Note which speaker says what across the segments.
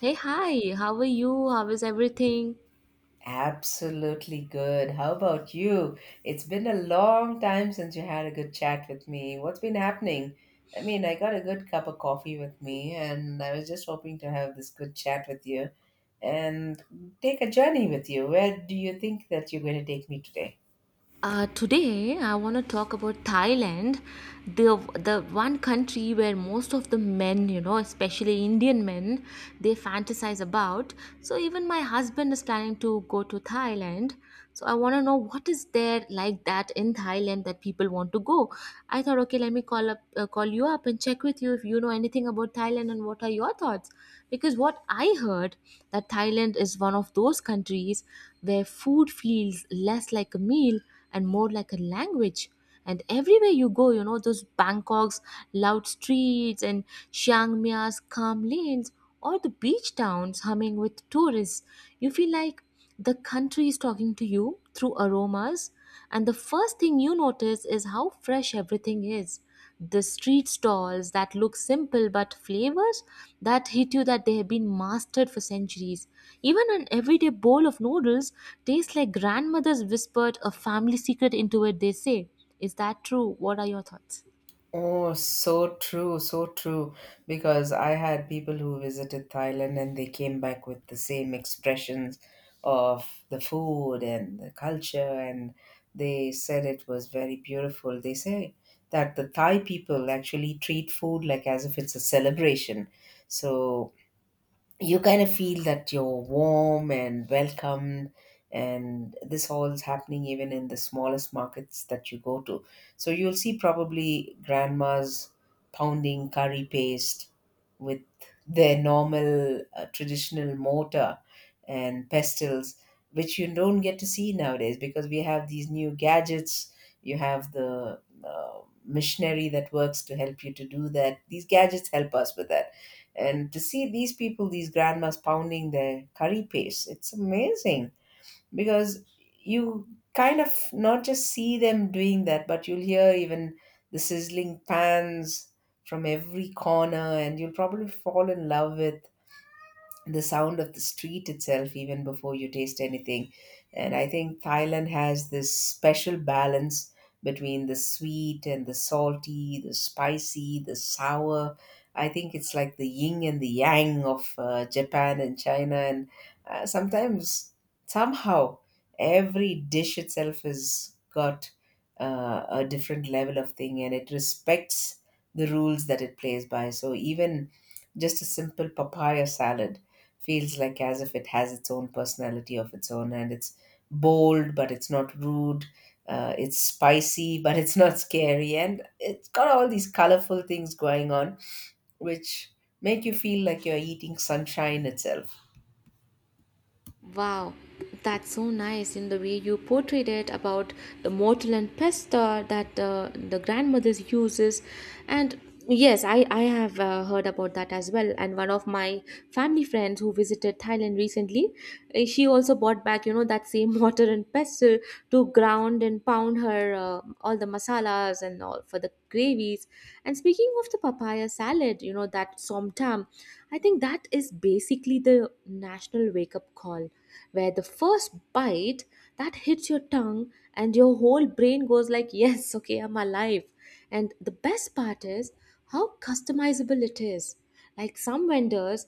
Speaker 1: Hey, hi, how are you? How is everything?
Speaker 2: Absolutely good. How about you? It's been a long time since you had a good chat with me. What's been happening? I got a good cup of coffee with me, and I was just hoping to have this good chat with you and take a journey with you. Where do you think that you're going to take me today?
Speaker 1: Today, I want to talk about Thailand, the the one country where most of the men, you know, especially Indian men, they fantasize about. So even my husband is planning to go to Thailand. So I want to know what is there like that in Thailand that people want to go. I thought, okay, let me call up, call you up and check with you if you know anything about Thailand and what are your thoughts. Because what I heard that Thailand is one of those countries where food feels less like a meal and more like a language. And everywhere you go, you know, those Bangkok's loud streets and Chiang Mai's calm lanes or the beach towns humming with tourists, you feel like the country is talking to you through aromas. And the first thing you notice is how fresh everything is, the street stalls that look simple but flavors that hit you that they have been mastered for centuries. Even an everyday bowl of noodles tastes like grandmother's whispered a family secret into it, they say. Is that true? What are your thoughts?
Speaker 2: Oh, so true, so true. Because I had people who visited Thailand and they came back with the same expressions of the food and the culture, and they said it was very beautiful. They say that the Thai people actually treat food like as if it's a celebration. So you kind of feel that you're warm and welcomed, and this all is happening even in the smallest markets that you go to. So you'll see probably grandmas pounding curry paste with their normal traditional mortar and pestles, which you don't get to see nowadays because we have these new gadgets. You have the machinery that works to help you to do that. These gadgets help us with that. And to see these people, these grandmas pounding their curry paste, it's amazing, because you kind of not just see them doing that, but you'll hear even the sizzling pans from every corner, and you'll probably fall in love with the sound of the street itself even before you taste anything. And I think Thailand has this special balance between the sweet and the salty, the spicy, the sour. I think it's like the yin and the yang of Japan and China. And sometimes, somehow, every dish itself has got a different level of thing, and it respects the rules that it plays by. So even just a simple papaya salad feels like as if it has its own personality of its own, and it's bold but it's not rude. It's spicy but it's not scary, and it's got all these colorful things going on which make you feel like you're eating sunshine itself.
Speaker 1: Wow, that's so nice in the way you portrayed it about the mortar and pestle that the grandmothers uses. And yes, I have heard about that as well. And one of my family friends who visited Thailand recently, she also bought back, you know, that same mortar and pestle to ground and pound her all the masalas and all for the gravies. And speaking of the papaya, buy a salad, you know, that somtam, I think that is basically the national wake up call, where the first bite that hits your tongue and your whole brain goes like, yes, okay, I'm alive. And the best part is how customizable it is. Like some vendors,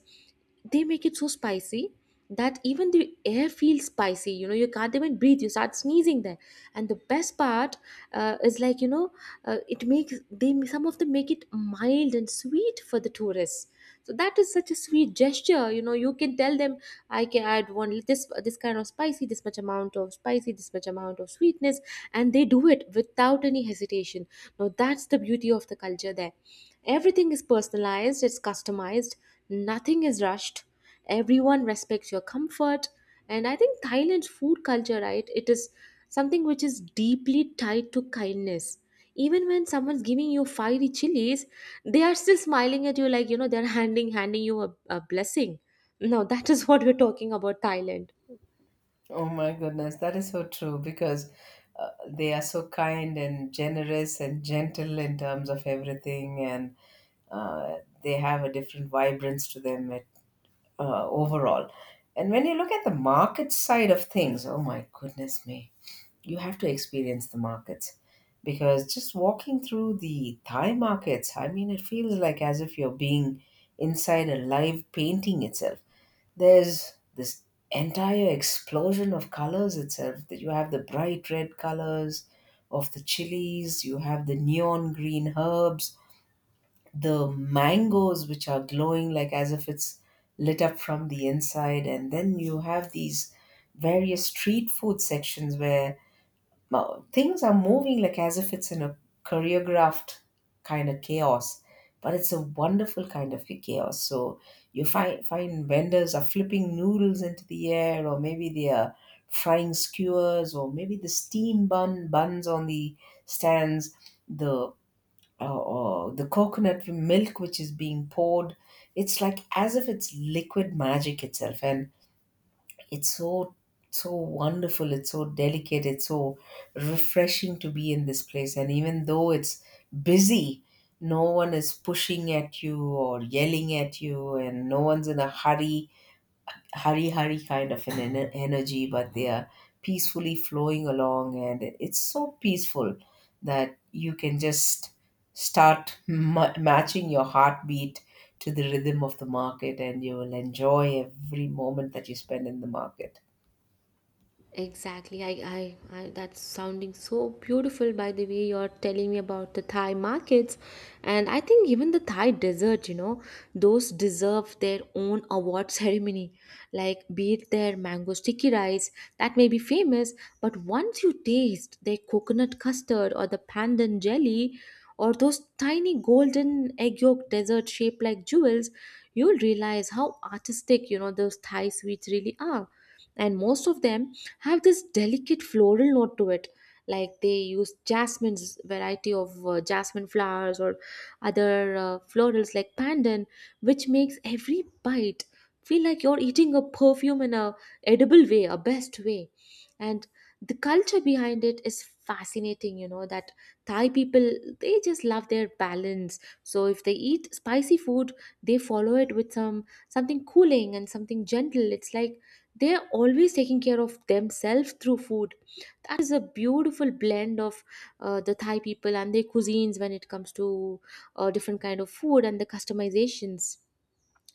Speaker 1: they make it so spicy that even the air feels spicy, you know, you can't even breathe, you start sneezing there. And the best part is like, you know, it makes they some of them make it mild and sweet for the tourists. So that is such a sweet gesture, you know, you can tell them I can add one, this kind of spicy, this much amount of spicy, this much amount of sweetness, and they do it without any hesitation. Now that's the beauty of the culture there. Everything is personalized, it's customized, nothing is rushed, everyone respects your comfort. And I think Thailand's food culture, right, it is something which is deeply tied to kindness. Even when someone's giving you fiery chilies, they are still smiling at you like, you know, they're handing you a blessing. Now that is what we're talking about Thailand.
Speaker 2: Oh my goodness, that is so true, because they are so kind and generous and gentle in terms of everything. And uh, they have a different vibrance to them. It Overall. And when you look at the market side of things, oh my goodness me, you have to experience the markets, because just walking through the Thai markets, I mean, it feels like as if you're being inside a live painting itself. There's this entire explosion of colors itself, that you have the bright red colors of the chilies, you have the neon green herbs, the mangoes which are glowing like as if it's lit up from the inside. And then you have these various street food sections where things are moving like as if it's in a choreographed kind of chaos, but it's a wonderful kind of chaos. So you find vendors are flipping noodles into the air, or maybe they are frying skewers, or maybe the steam buns on the stands, the oh, oh, the coconut milk which is being poured, it's like as if it's liquid magic itself. And it's so, so wonderful. It's so delicate. It's so refreshing to be in this place. And even though it's busy, no one is pushing at you or yelling at you, and no one's in a hurry kind of an energy, but they are peacefully flowing along, and it's so peaceful that you can just start matching your heartbeat to the rhythm of the market, and you will enjoy every moment that you spend in the market.
Speaker 1: Exactly. I that's sounding so beautiful by the way you're telling me about the Thai markets. And I think even the Thai dessert, you know, those deserve their own award ceremony. Like be it their mango sticky rice, that may be famous, but once you taste their coconut custard or the pandan jelly or those tiny golden egg yolk dessert shaped like jewels, you'll realize how artistic, you know, those Thai sweets really are. And most of them have this delicate floral note to it, like they use jasmine's variety of jasmine flowers or other florals like pandan, which makes every bite feel like you're eating a perfume in a edible way, a best way. And the culture behind it is fascinating, you know, that Thai people, they just love their balance. So if they eat spicy food, they follow it with some something cooling and something gentle. It's like they're always taking care of themselves through food. That is a beautiful blend of the Thai people and their cuisines when it comes to different kind of food and the customizations.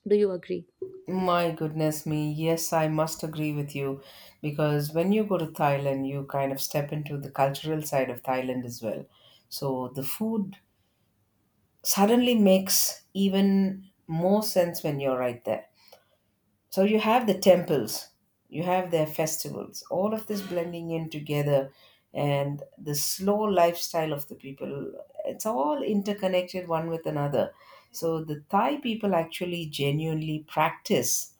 Speaker 1: Do you agree?
Speaker 2: My goodness me, yes, I must agree with you, because when you go to Thailand, you kind of step into the cultural side of Thailand as well. So the food suddenly makes even more sense when you're right there. So you have the temples, you have their festivals, all of this blending in together, and the slow lifestyle of the people. It's all interconnected one with another. So the Thai people actually genuinely practice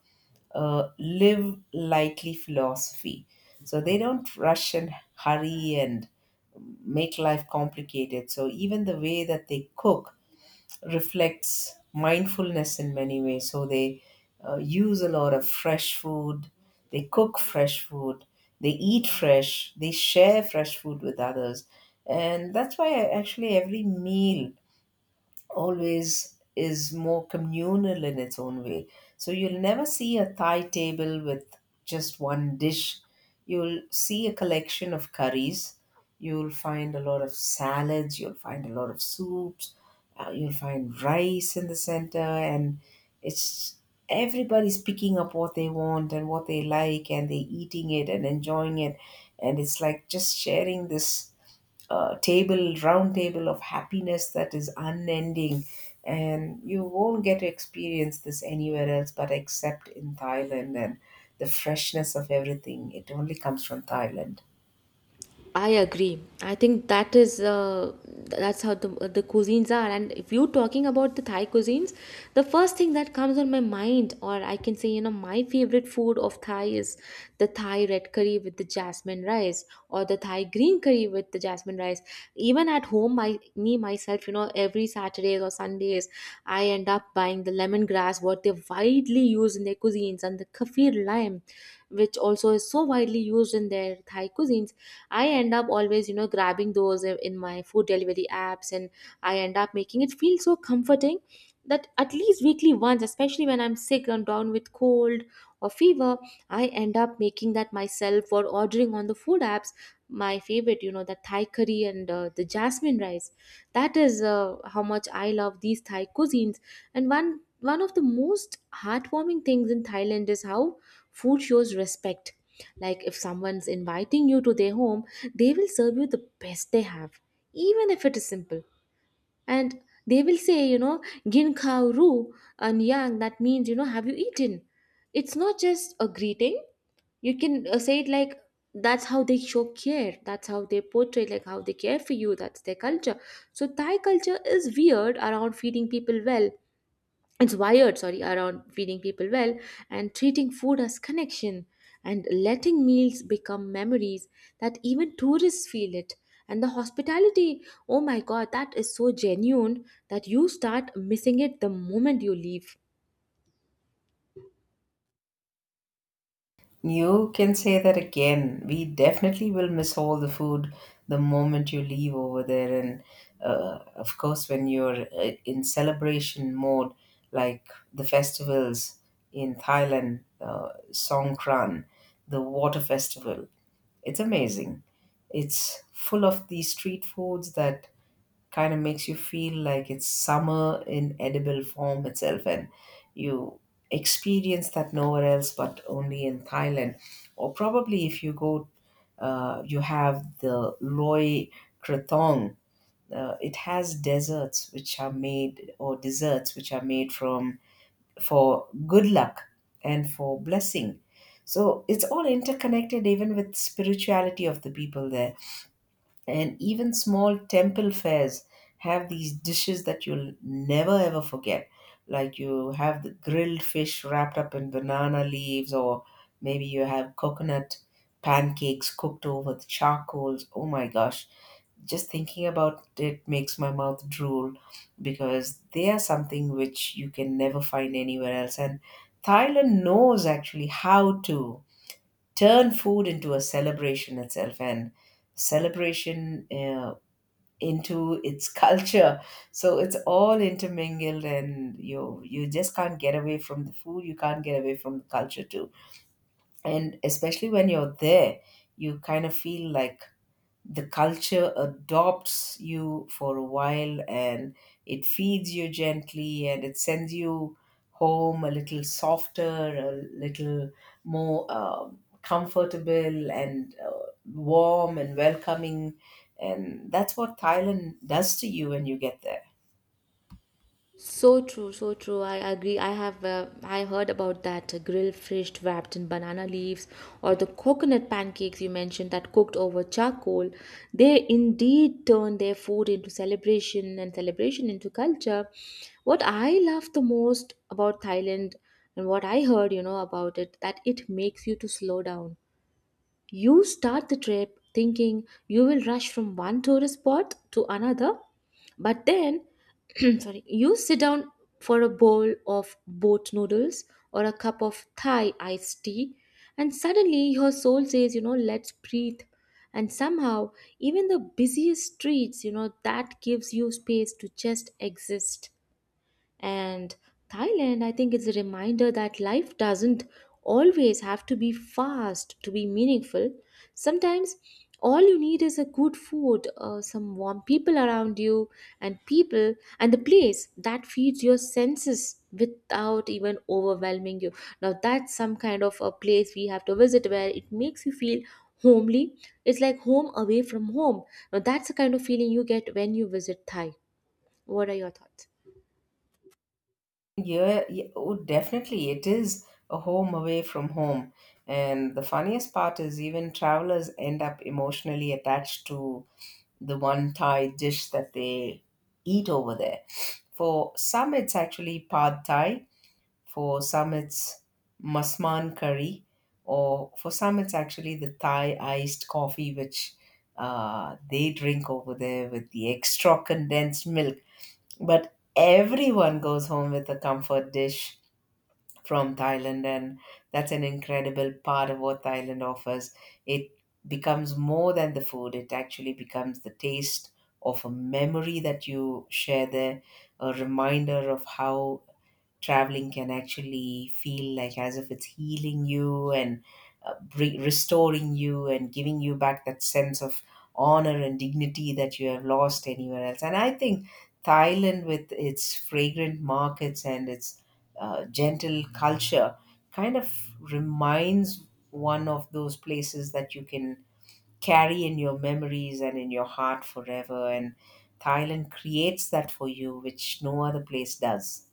Speaker 2: a live lightly philosophy. So they don't rush and hurry and make life complicated. So even the way that they cook reflects mindfulness in many ways. So they use a lot of fresh food, they cook fresh food, they eat fresh, they share fresh food with others. And that's why actually every meal always is more communal in its own way. So you'll never see a Thai table with just one dish. You'll see a collection of curries. You'll find a lot of salads. You'll find a lot of soups. You'll find rice in the center, and it's everybody's picking up what they want and what they like, and they're eating it and enjoying it, and it's like just sharing this table, round table of happiness that is unending. And you won't get to experience this anywhere else but except in Thailand, and the freshness of everything. It only comes from Thailand.
Speaker 1: I agree. I think that is that's how the cuisines are. And if you're talking about the Thai cuisines, the first thing that comes on my mind, or I can say, you know, my favorite food of Thai is the Thai red curry with the jasmine rice, or the Thai green curry with the jasmine rice. Even at home, my me myself, you know, every Saturdays or Sundays, I end up buying the lemongrass, what they widely use in their cuisines, and the kaffir lime, which also is so widely used in their Thai cuisines. I end up always, you know, grabbing those in my food delivery apps, and I end up making it feel so comforting that at least weekly once, especially when I'm sick and down with cold or fever, I end up making that myself or ordering on the food apps. My favorite, you know, the Thai curry and the jasmine rice. That is how much I love these Thai cuisines. And one of the most heartwarming things in Thailand is how food shows respect. Like if someone's inviting you to their home, they will serve you the best they have, even if it is simple. And they will say, you know, gin khao ru and yang, that means, you know, have you eaten? It's not just a greeting. You can say it like that's how they show care. That's how they portray, like how they care for you. That's their culture. So Thai culture is weird around feeding people well, it's wired, sorry, around feeding people well, and treating food as connection, and letting meals become memories, that even tourists feel it. And the hospitality, oh my god, that is so genuine that you start missing it the moment you leave.
Speaker 2: You can say that again. We definitely will miss all the food the moment you leave over there. And of course, when you're in celebration mode, like the festivals in Thailand, Songkran, the water festival, it's amazing. It's full of these street foods that kind of makes you feel like it's summer in edible form itself. And you experience that nowhere else but only in Thailand. Or probably if you go, you have the Loy Krathong. It has desserts which are made, or desserts which are made from, for good luck and for blessing. So it's all interconnected even with spirituality of the people there. And even small temple fairs have these dishes that you'll never ever forget, like you have the grilled fish wrapped up in banana leaves, or maybe you have coconut pancakes cooked over the charcoals. Oh my gosh, just thinking about it makes my mouth drool, because they are something which you can never find anywhere else. And Thailand knows actually how to turn food into a celebration itself, and celebration into its culture. So it's all intermingled, and you just can't get away from the food, you can't get away from the culture too. And especially when you're there, you kind of feel like the culture adopts you for a while, and it feeds you gently, and it sends you home a little softer, a little more comfortable and warm and welcoming. And that's what Thailand does to you when you get there.
Speaker 1: So true, so true. I agree. I have I heard about that grilled fish wrapped in banana leaves or the coconut pancakes you mentioned that cooked over charcoal. They indeed turn their food into celebration and celebration into culture. What I love the most about Thailand and what I heard, you know, about it that it makes you to slow down. You start the trip thinking you will rush from one tourist spot to another, but then sorry, you sit down for a bowl of boat noodles or a cup of Thai iced tea, and suddenly your soul says, you know, let's breathe. And somehow, even the busiest streets, you know, that gives you space to just exist. And Thailand, I think, is a reminder that life doesn't always have to be fast to be meaningful. Sometimes all you need is a good food, some warm people around you, and people, and the place that feeds your senses without even overwhelming you. Now, that's some kind of a place we have to visit where it makes you feel homely. It's like home away from home. Now, that's the kind of feeling you get when you visit Thai. What are your thoughts?
Speaker 2: Yeah, yeah, oh, definitely. It is a home away from home. And the funniest part is, even travelers end up emotionally attached to the one Thai dish that they eat over there. For some, it's actually pad Thai. For some, it's masman curry. Or for some, it's actually the Thai iced coffee, which they drink over there with the extra condensed milk. But everyone goes home with a comfort dish from Thailand, and that's an incredible part of what Thailand offers. It becomes more than the food, it actually becomes the taste of a memory that you share there, a reminder of how traveling can actually feel like as if it's healing you and restoring you and giving you back that sense of honor and dignity that you have lost anywhere else. And I think Thailand, with its fragrant markets and its gentle culture, kind of reminds one of those places that you can carry in your memories and in your heart forever. And Thailand creates that for you, which no other place does.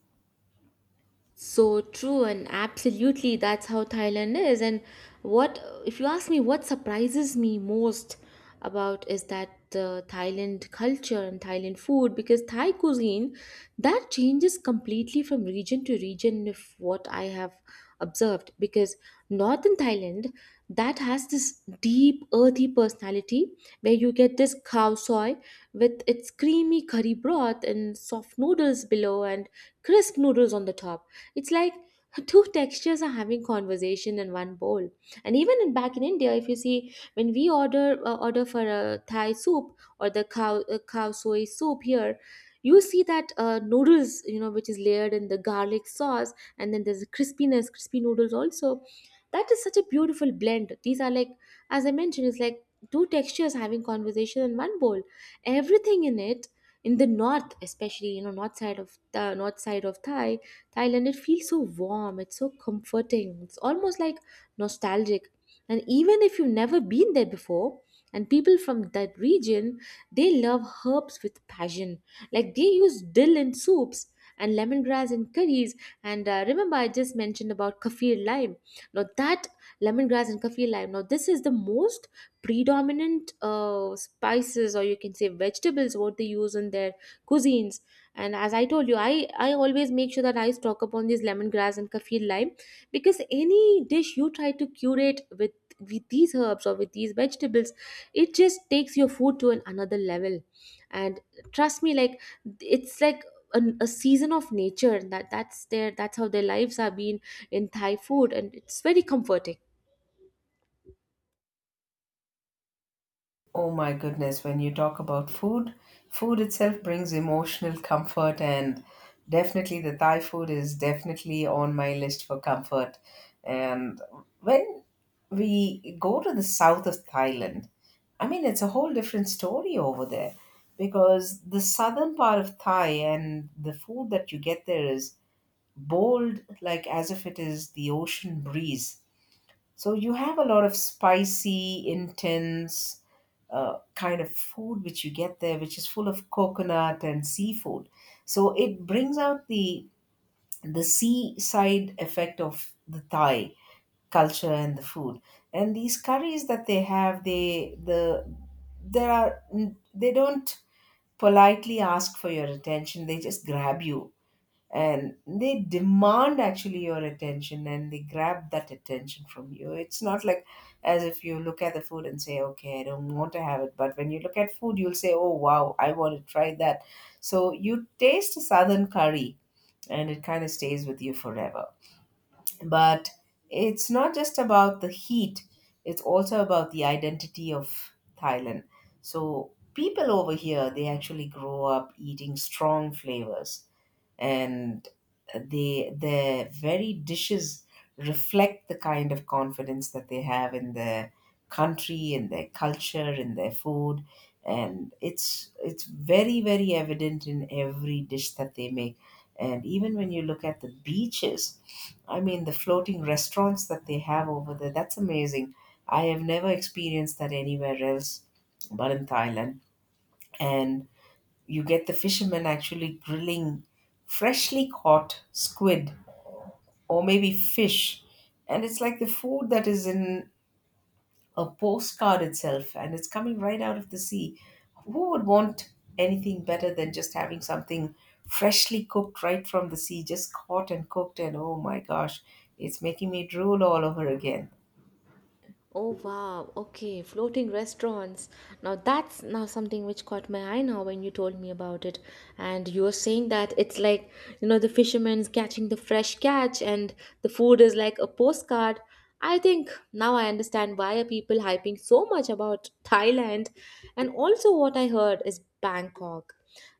Speaker 1: So true, and absolutely, that's how Thailand is. And what, if you ask me, what surprises me most about is that the Thailand culture and Thailand food, because Thai cuisine that changes completely from region to region, if what I have observed. Because northern Thailand that has this deep, earthy personality, where you get this khao soy with its creamy curry broth and soft noodles below and crisp noodles on the top. It's like two textures are having conversation in one bowl. And even in, back in India, if you see when we order order for a Thai soup or the cow soy soup here. You see that noodles, you know, which is layered in the garlic sauce, and then there's a crispiness, crispy noodles also. That is such a beautiful blend. These are like, as I mentioned, it's like two textures having conversation in one bowl. Everything in it, in the north especially, you know, north side of the north side of Thai Thailand, it feels so warm, it's so comforting, it's almost like nostalgic. And even if you've never been there before, and people from that region, they love herbs with passion. Like they use dill in soups and lemongrass in curries. And remember, I just mentioned about kaffir lime. Now, that lemongrass and kaffir lime, now, this is the most predominant spices, or you can say vegetables, what they use in their cuisines. And as I told you, I always make sure that I stock up on these lemongrass and kaffir lime, because any dish you try to curate with these herbs or with these vegetables, it just takes your food to an another level. And trust me, like, it's like a season of nature that that's how their lives are being in Thai food, and it's very comforting.
Speaker 2: Oh my goodness, when you talk about food, food itself brings emotional comfort, and definitely the Thai food is definitely on my list for comfort. And when we go to the south of Thailand, I mean, it's a whole different story over there, because the southern part of Thai and the food that you get there is bold, like as if it is the ocean breeze. So you have a lot of spicy, intense kind of food which you get there, which is full of coconut and seafood. So it brings out the seaside effect of the Thai culture and the food. And these curries that they have, they the there are they don't politely ask for your attention. They just grab you, and they demand actually your attention, and they grab that attention from you. It's not like as if you look at the food and say, okay, I don't want to have it, but when you look at food you'll say, oh wow, I want to try that. So you taste a southern curry, and it kind of stays with you forever. But it's not just about the heat, it's also about the identity of Thailand. So people over here, they actually grow up eating strong flavors, and they their very dishes reflect the kind of confidence that they have in their country, in their culture, in their food. And it's very evident in every dish that they make. And even when you look at the beaches, I mean, the floating restaurants that they have over there, that's amazing. I have never experienced that anywhere else but in Thailand. And you get the fishermen actually grilling freshly caught squid or maybe fish. And it's like the food that is in a postcard itself, and it's coming right out of the sea. Who would want anything better than just having something freshly cooked right from the sea, just caught and cooked? And oh my gosh, it's making me drool all over again.
Speaker 1: Oh wow, okay, floating restaurants. Now that's now something which caught my eye now when you told me about it. And you were saying that it's like, you know, the fishermen's catching the fresh catch and the food is like a postcard. I think now I understand why are people hyping so much about Thailand. And also what I heard is Bangkok.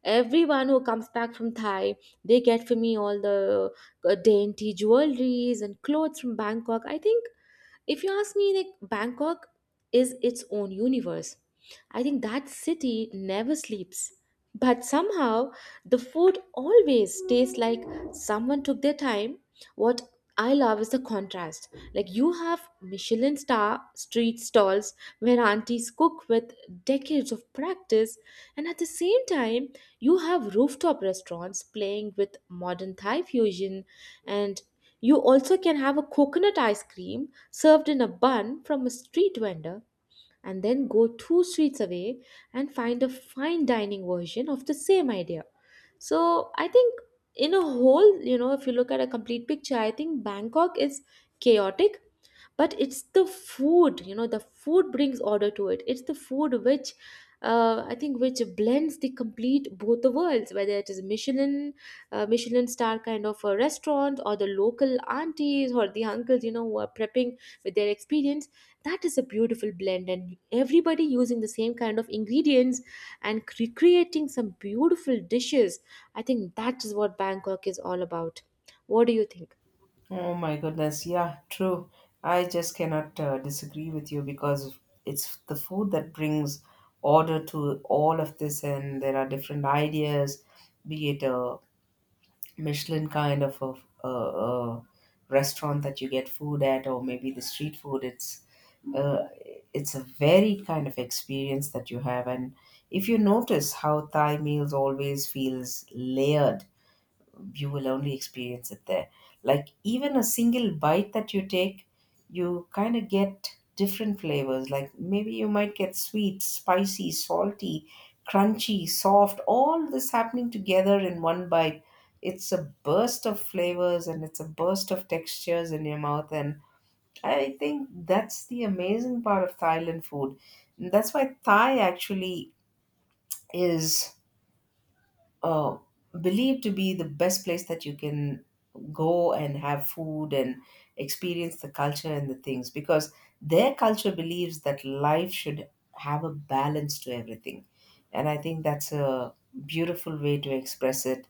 Speaker 1: Everyone who comes back from Thai, they get for me all the dainty jewelries and clothes from Bangkok. I think if you ask me, like, Bangkok is its own universe. I think that city never sleeps, but somehow the food always tastes like someone took their time. What I love is the contrast. Like, you have Michelin star street stalls where aunties cook with decades of practice, and at the same time you have rooftop restaurants playing with modern Thai fusion. And you also can have a coconut ice cream served in a bun from a street vendor, and then go two streets away and find a fine dining version of the same idea. So I think in a whole, you know, if you look at a complete picture, I think Bangkok is chaotic, but it's the food, you know, the food brings order to it. It's the food which, I think, which blends the complete both the worlds, whether it is Michelin, Michelin star kind of a restaurant, or the local aunties or the uncles, you know, who are prepping with their experience. That is a beautiful blend, and everybody using the same kind of ingredients and creating some beautiful dishes. I think that is what Bangkok is all about. What do you think?
Speaker 2: Oh my goodness. Yeah, true. I just cannot disagree with you, because it's the food that brings order to all of this, and there are different ideas. Be it a Michelin kind of a restaurant that you get food at, or maybe the street food. Uh, it's a varied kind of experience that you have. And if you notice how Thai meals always feels layered, you will only experience it there. Like even a single bite that you take, you kind of get different flavors. Like maybe you might get sweet, spicy, salty, crunchy, soft, all this happening together in one bite. It's a burst of flavors and it's a burst of textures in your mouth. And I think that's the amazing part of Thailand food. And that's why Thai actually is uh, believed to be the best place that you can go and have food and experience the culture and the things, because their culture believes that life should have a balance to everything. And I think that's a beautiful way to express it,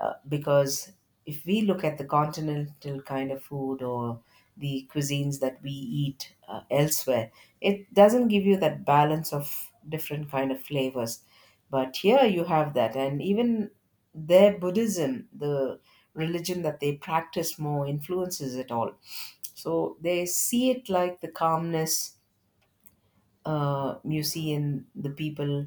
Speaker 2: because if we look at the continental kind of food or the cuisines that we eat elsewhere, it doesn't give you that balance of different kind of flavors. But here you have that. And even their Buddhism, the religion that they practice, more influences it all. So they see it like the calmness you see in the people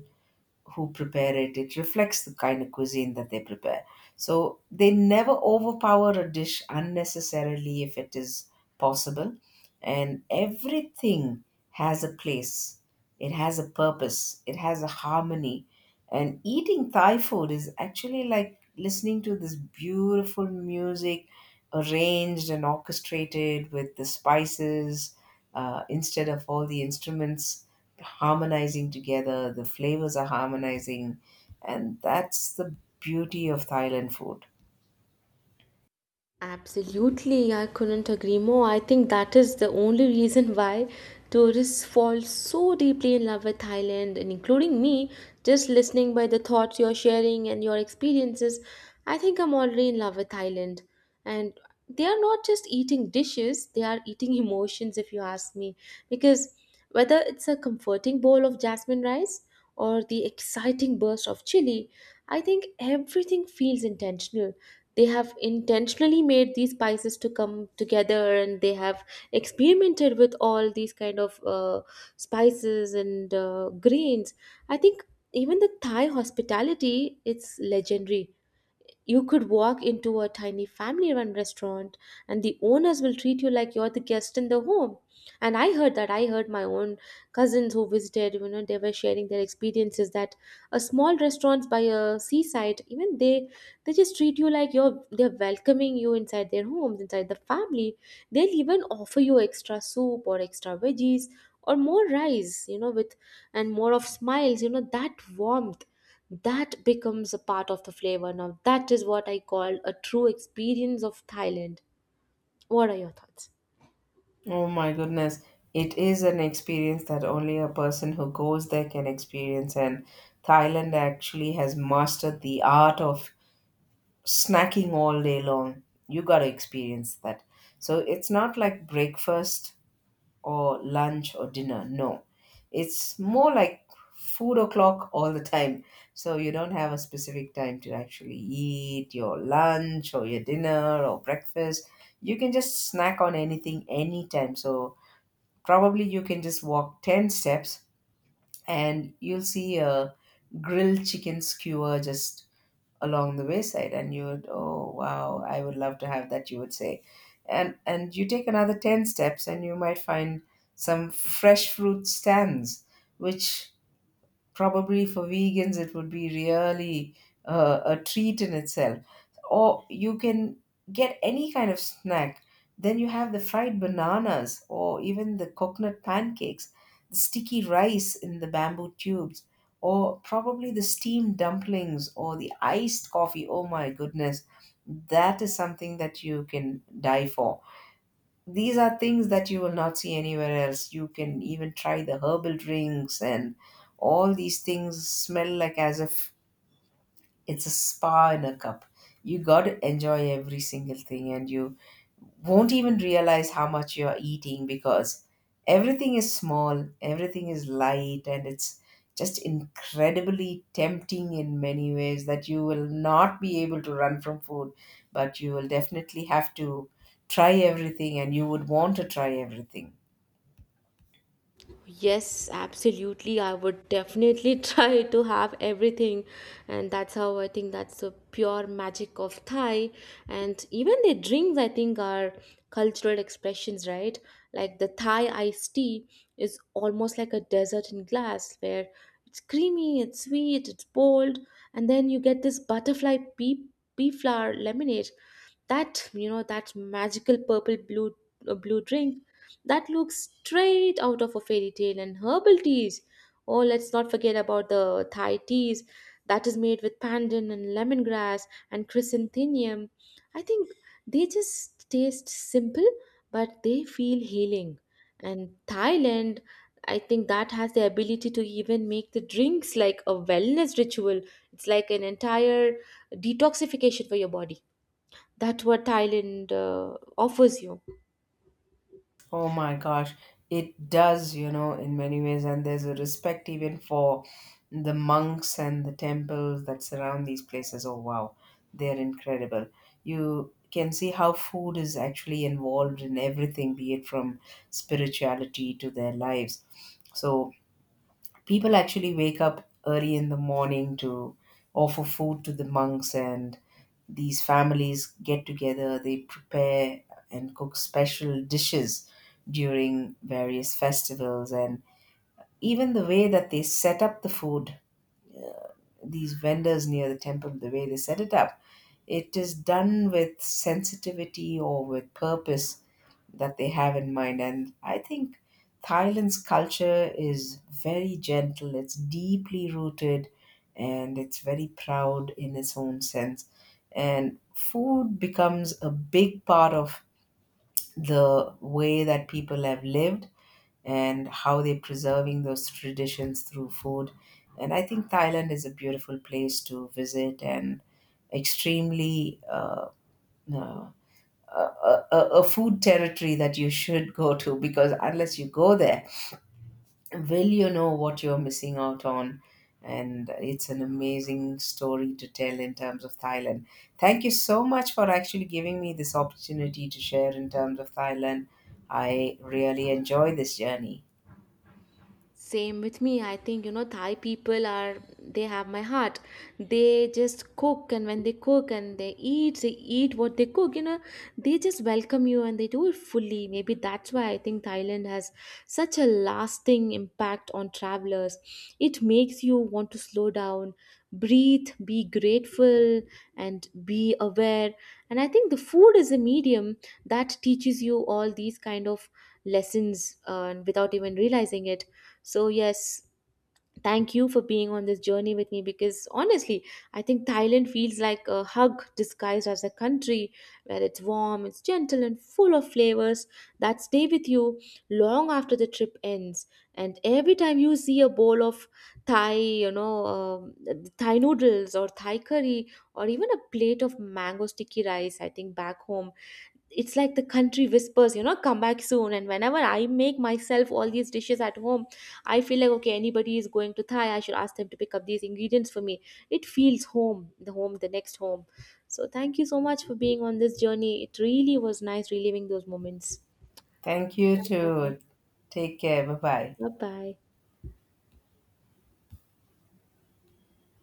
Speaker 2: who prepare it, it reflects the kind of cuisine that they prepare. So they never overpower a dish unnecessarily if it is possible, and everything has a place, it has a purpose, it has a harmony. And eating Thai food is actually like listening to this beautiful music, arranged and orchestrated with the spices instead of all the instruments. Harmonizing together, the flavors are harmonizing, and that's the beauty of Thailand food.
Speaker 1: Absolutely, I couldn't agree more. I think that is the only reason why tourists fall so deeply in love with Thailand, and including me, just listening by the thoughts you're sharing and your experiences, I think I'm already in love with Thailand. And they are not just eating dishes, they are eating emotions, if you ask me. Because whether it's a comforting bowl of jasmine rice or the exciting burst of chili, I think everything feels intentional. They have intentionally made these spices to come together, and they have experimented with all these kind of spices and grains. I think even the Thai hospitality, it's legendary. You could walk into a tiny family run restaurant and the owners will treat you like you're the guest in the home. And I heard my own cousins who visited, you know, they were sharing their experiences that a small restaurants by a seaside, even they just treat you like you're, they're welcoming you inside their homes, inside the family. They'll even offer you extra soup or extra veggies or more rice, you know, with, and more of smiles, you know, that warmth that becomes a part of the flavor. Now that is what I call a true experience of Thailand. What are your thoughts?
Speaker 2: Oh my goodness. It is an experience that only a person who goes there can experience. And Thailand actually has mastered the art of snacking all day long. You got to experience that. So it's not like breakfast or lunch or dinner. No, it's more like food o'clock all the time. So you don't have a specific time to actually eat your lunch or your dinner or breakfast. You can just snack on anything anytime. So probably you can just walk 10 steps, and you'll see a grilled chicken skewer just along the wayside, and you would, oh wow, I would love to have that, you would say. And you take another 10 steps, and you might find some fresh fruit stands, which probably for vegans, it would be really a treat in itself. Or you can get any kind of snack. Then you have the fried bananas or even the coconut pancakes, the sticky rice in the bamboo tubes, or probably the steamed dumplings or the iced coffee. Oh my goodness, that is something that you can die for. These are things that you will not see anywhere else. You can even try the herbal drinks, and all these things smell like as if it's a spa in a cup. You got to enjoy every single thing, and you won't even realize how much you're eating, because everything is small, everything is light, and it's just incredibly tempting in many ways that you will not be able to run from food, but you will definitely have to try everything, and you would want to try everything.
Speaker 1: Yes, absolutely. I would definitely try to have everything. And that's how I think that's the pure magic of Thai. And even their drinks, I think, are cultural expressions, right? Like the Thai iced tea is almost like a desert in glass where it's creamy, it's sweet, it's bold. And then you get this butterfly pea flower lemonade. That, you know, that magical purple blue, blue drink that looks straight out of a fairy tale. And herbal teas, oh, let's not forget about the Thai teas that is made with pandan and lemongrass and chrysanthemum. I think they just taste simple, but they feel healing. And Thailand, I think, that has the ability to even make the drinks like a wellness ritual. It's like an entire detoxification for your body. That's what Thailand offers you.
Speaker 2: Oh my gosh, it does, you know, in many ways. And there's a respect even for the monks and the temples that surround these places. Oh wow, they're incredible. You can see how food is actually involved in everything, be it from spirituality to their lives. So people actually wake up early in the morning to offer food to the monks, and these families get together, they prepare and cook special dishes during various festivals. And even the way that they set up the food, these vendors near the temple, the way they set it up, it is done with sensitivity or with purpose that they have in mind. And I think Thailand's culture is very gentle, it's deeply rooted, and it's very proud in its own sense. And food becomes a big part of the way that people have lived and how they're preserving those traditions through food. And I think Thailand is a beautiful place to visit, and extremely uh, a, a food territory that you should go to, because unless you go there, will you know what you're missing out on? And it's an amazing story to tell in terms of Thailand. Thank you so much for actually giving me this opportunity to share in terms of Thailand. I really enjoy this journey.
Speaker 1: Same with me. I think, you know, Thai people are, they have my heart. They just cook, and when they cook and they eat what they cook, you know, they just welcome you and they do it fully. Maybe that's why I think Thailand has such a lasting impact on travelers. It makes you want to slow down, breathe, be grateful, and be aware. And I think the food is a medium that teaches you all these kind of lessons without even realizing it. So, yes, thank you for being on this journey with me, because honestly, I think Thailand feels like a hug disguised as a country where it's warm, it's gentle, and full of flavors that stay with you long after the trip ends. And every time you see a bowl of Thai, you know, um, Thai noodles or Thai curry or even a plate of mango sticky rice, I think back home it's like the country whispers, you know, come back soon. And whenever I make myself all these dishes at home, I feel like, okay, anybody is going to Thai, I should ask them to pick up these ingredients for me. It feels home, the home, the next home. So thank you so much for being on this journey. It really was nice reliving those moments.
Speaker 2: Thank you
Speaker 1: Bye bye.
Speaker 2: too. Take care. Bye bye.
Speaker 1: Bye bye.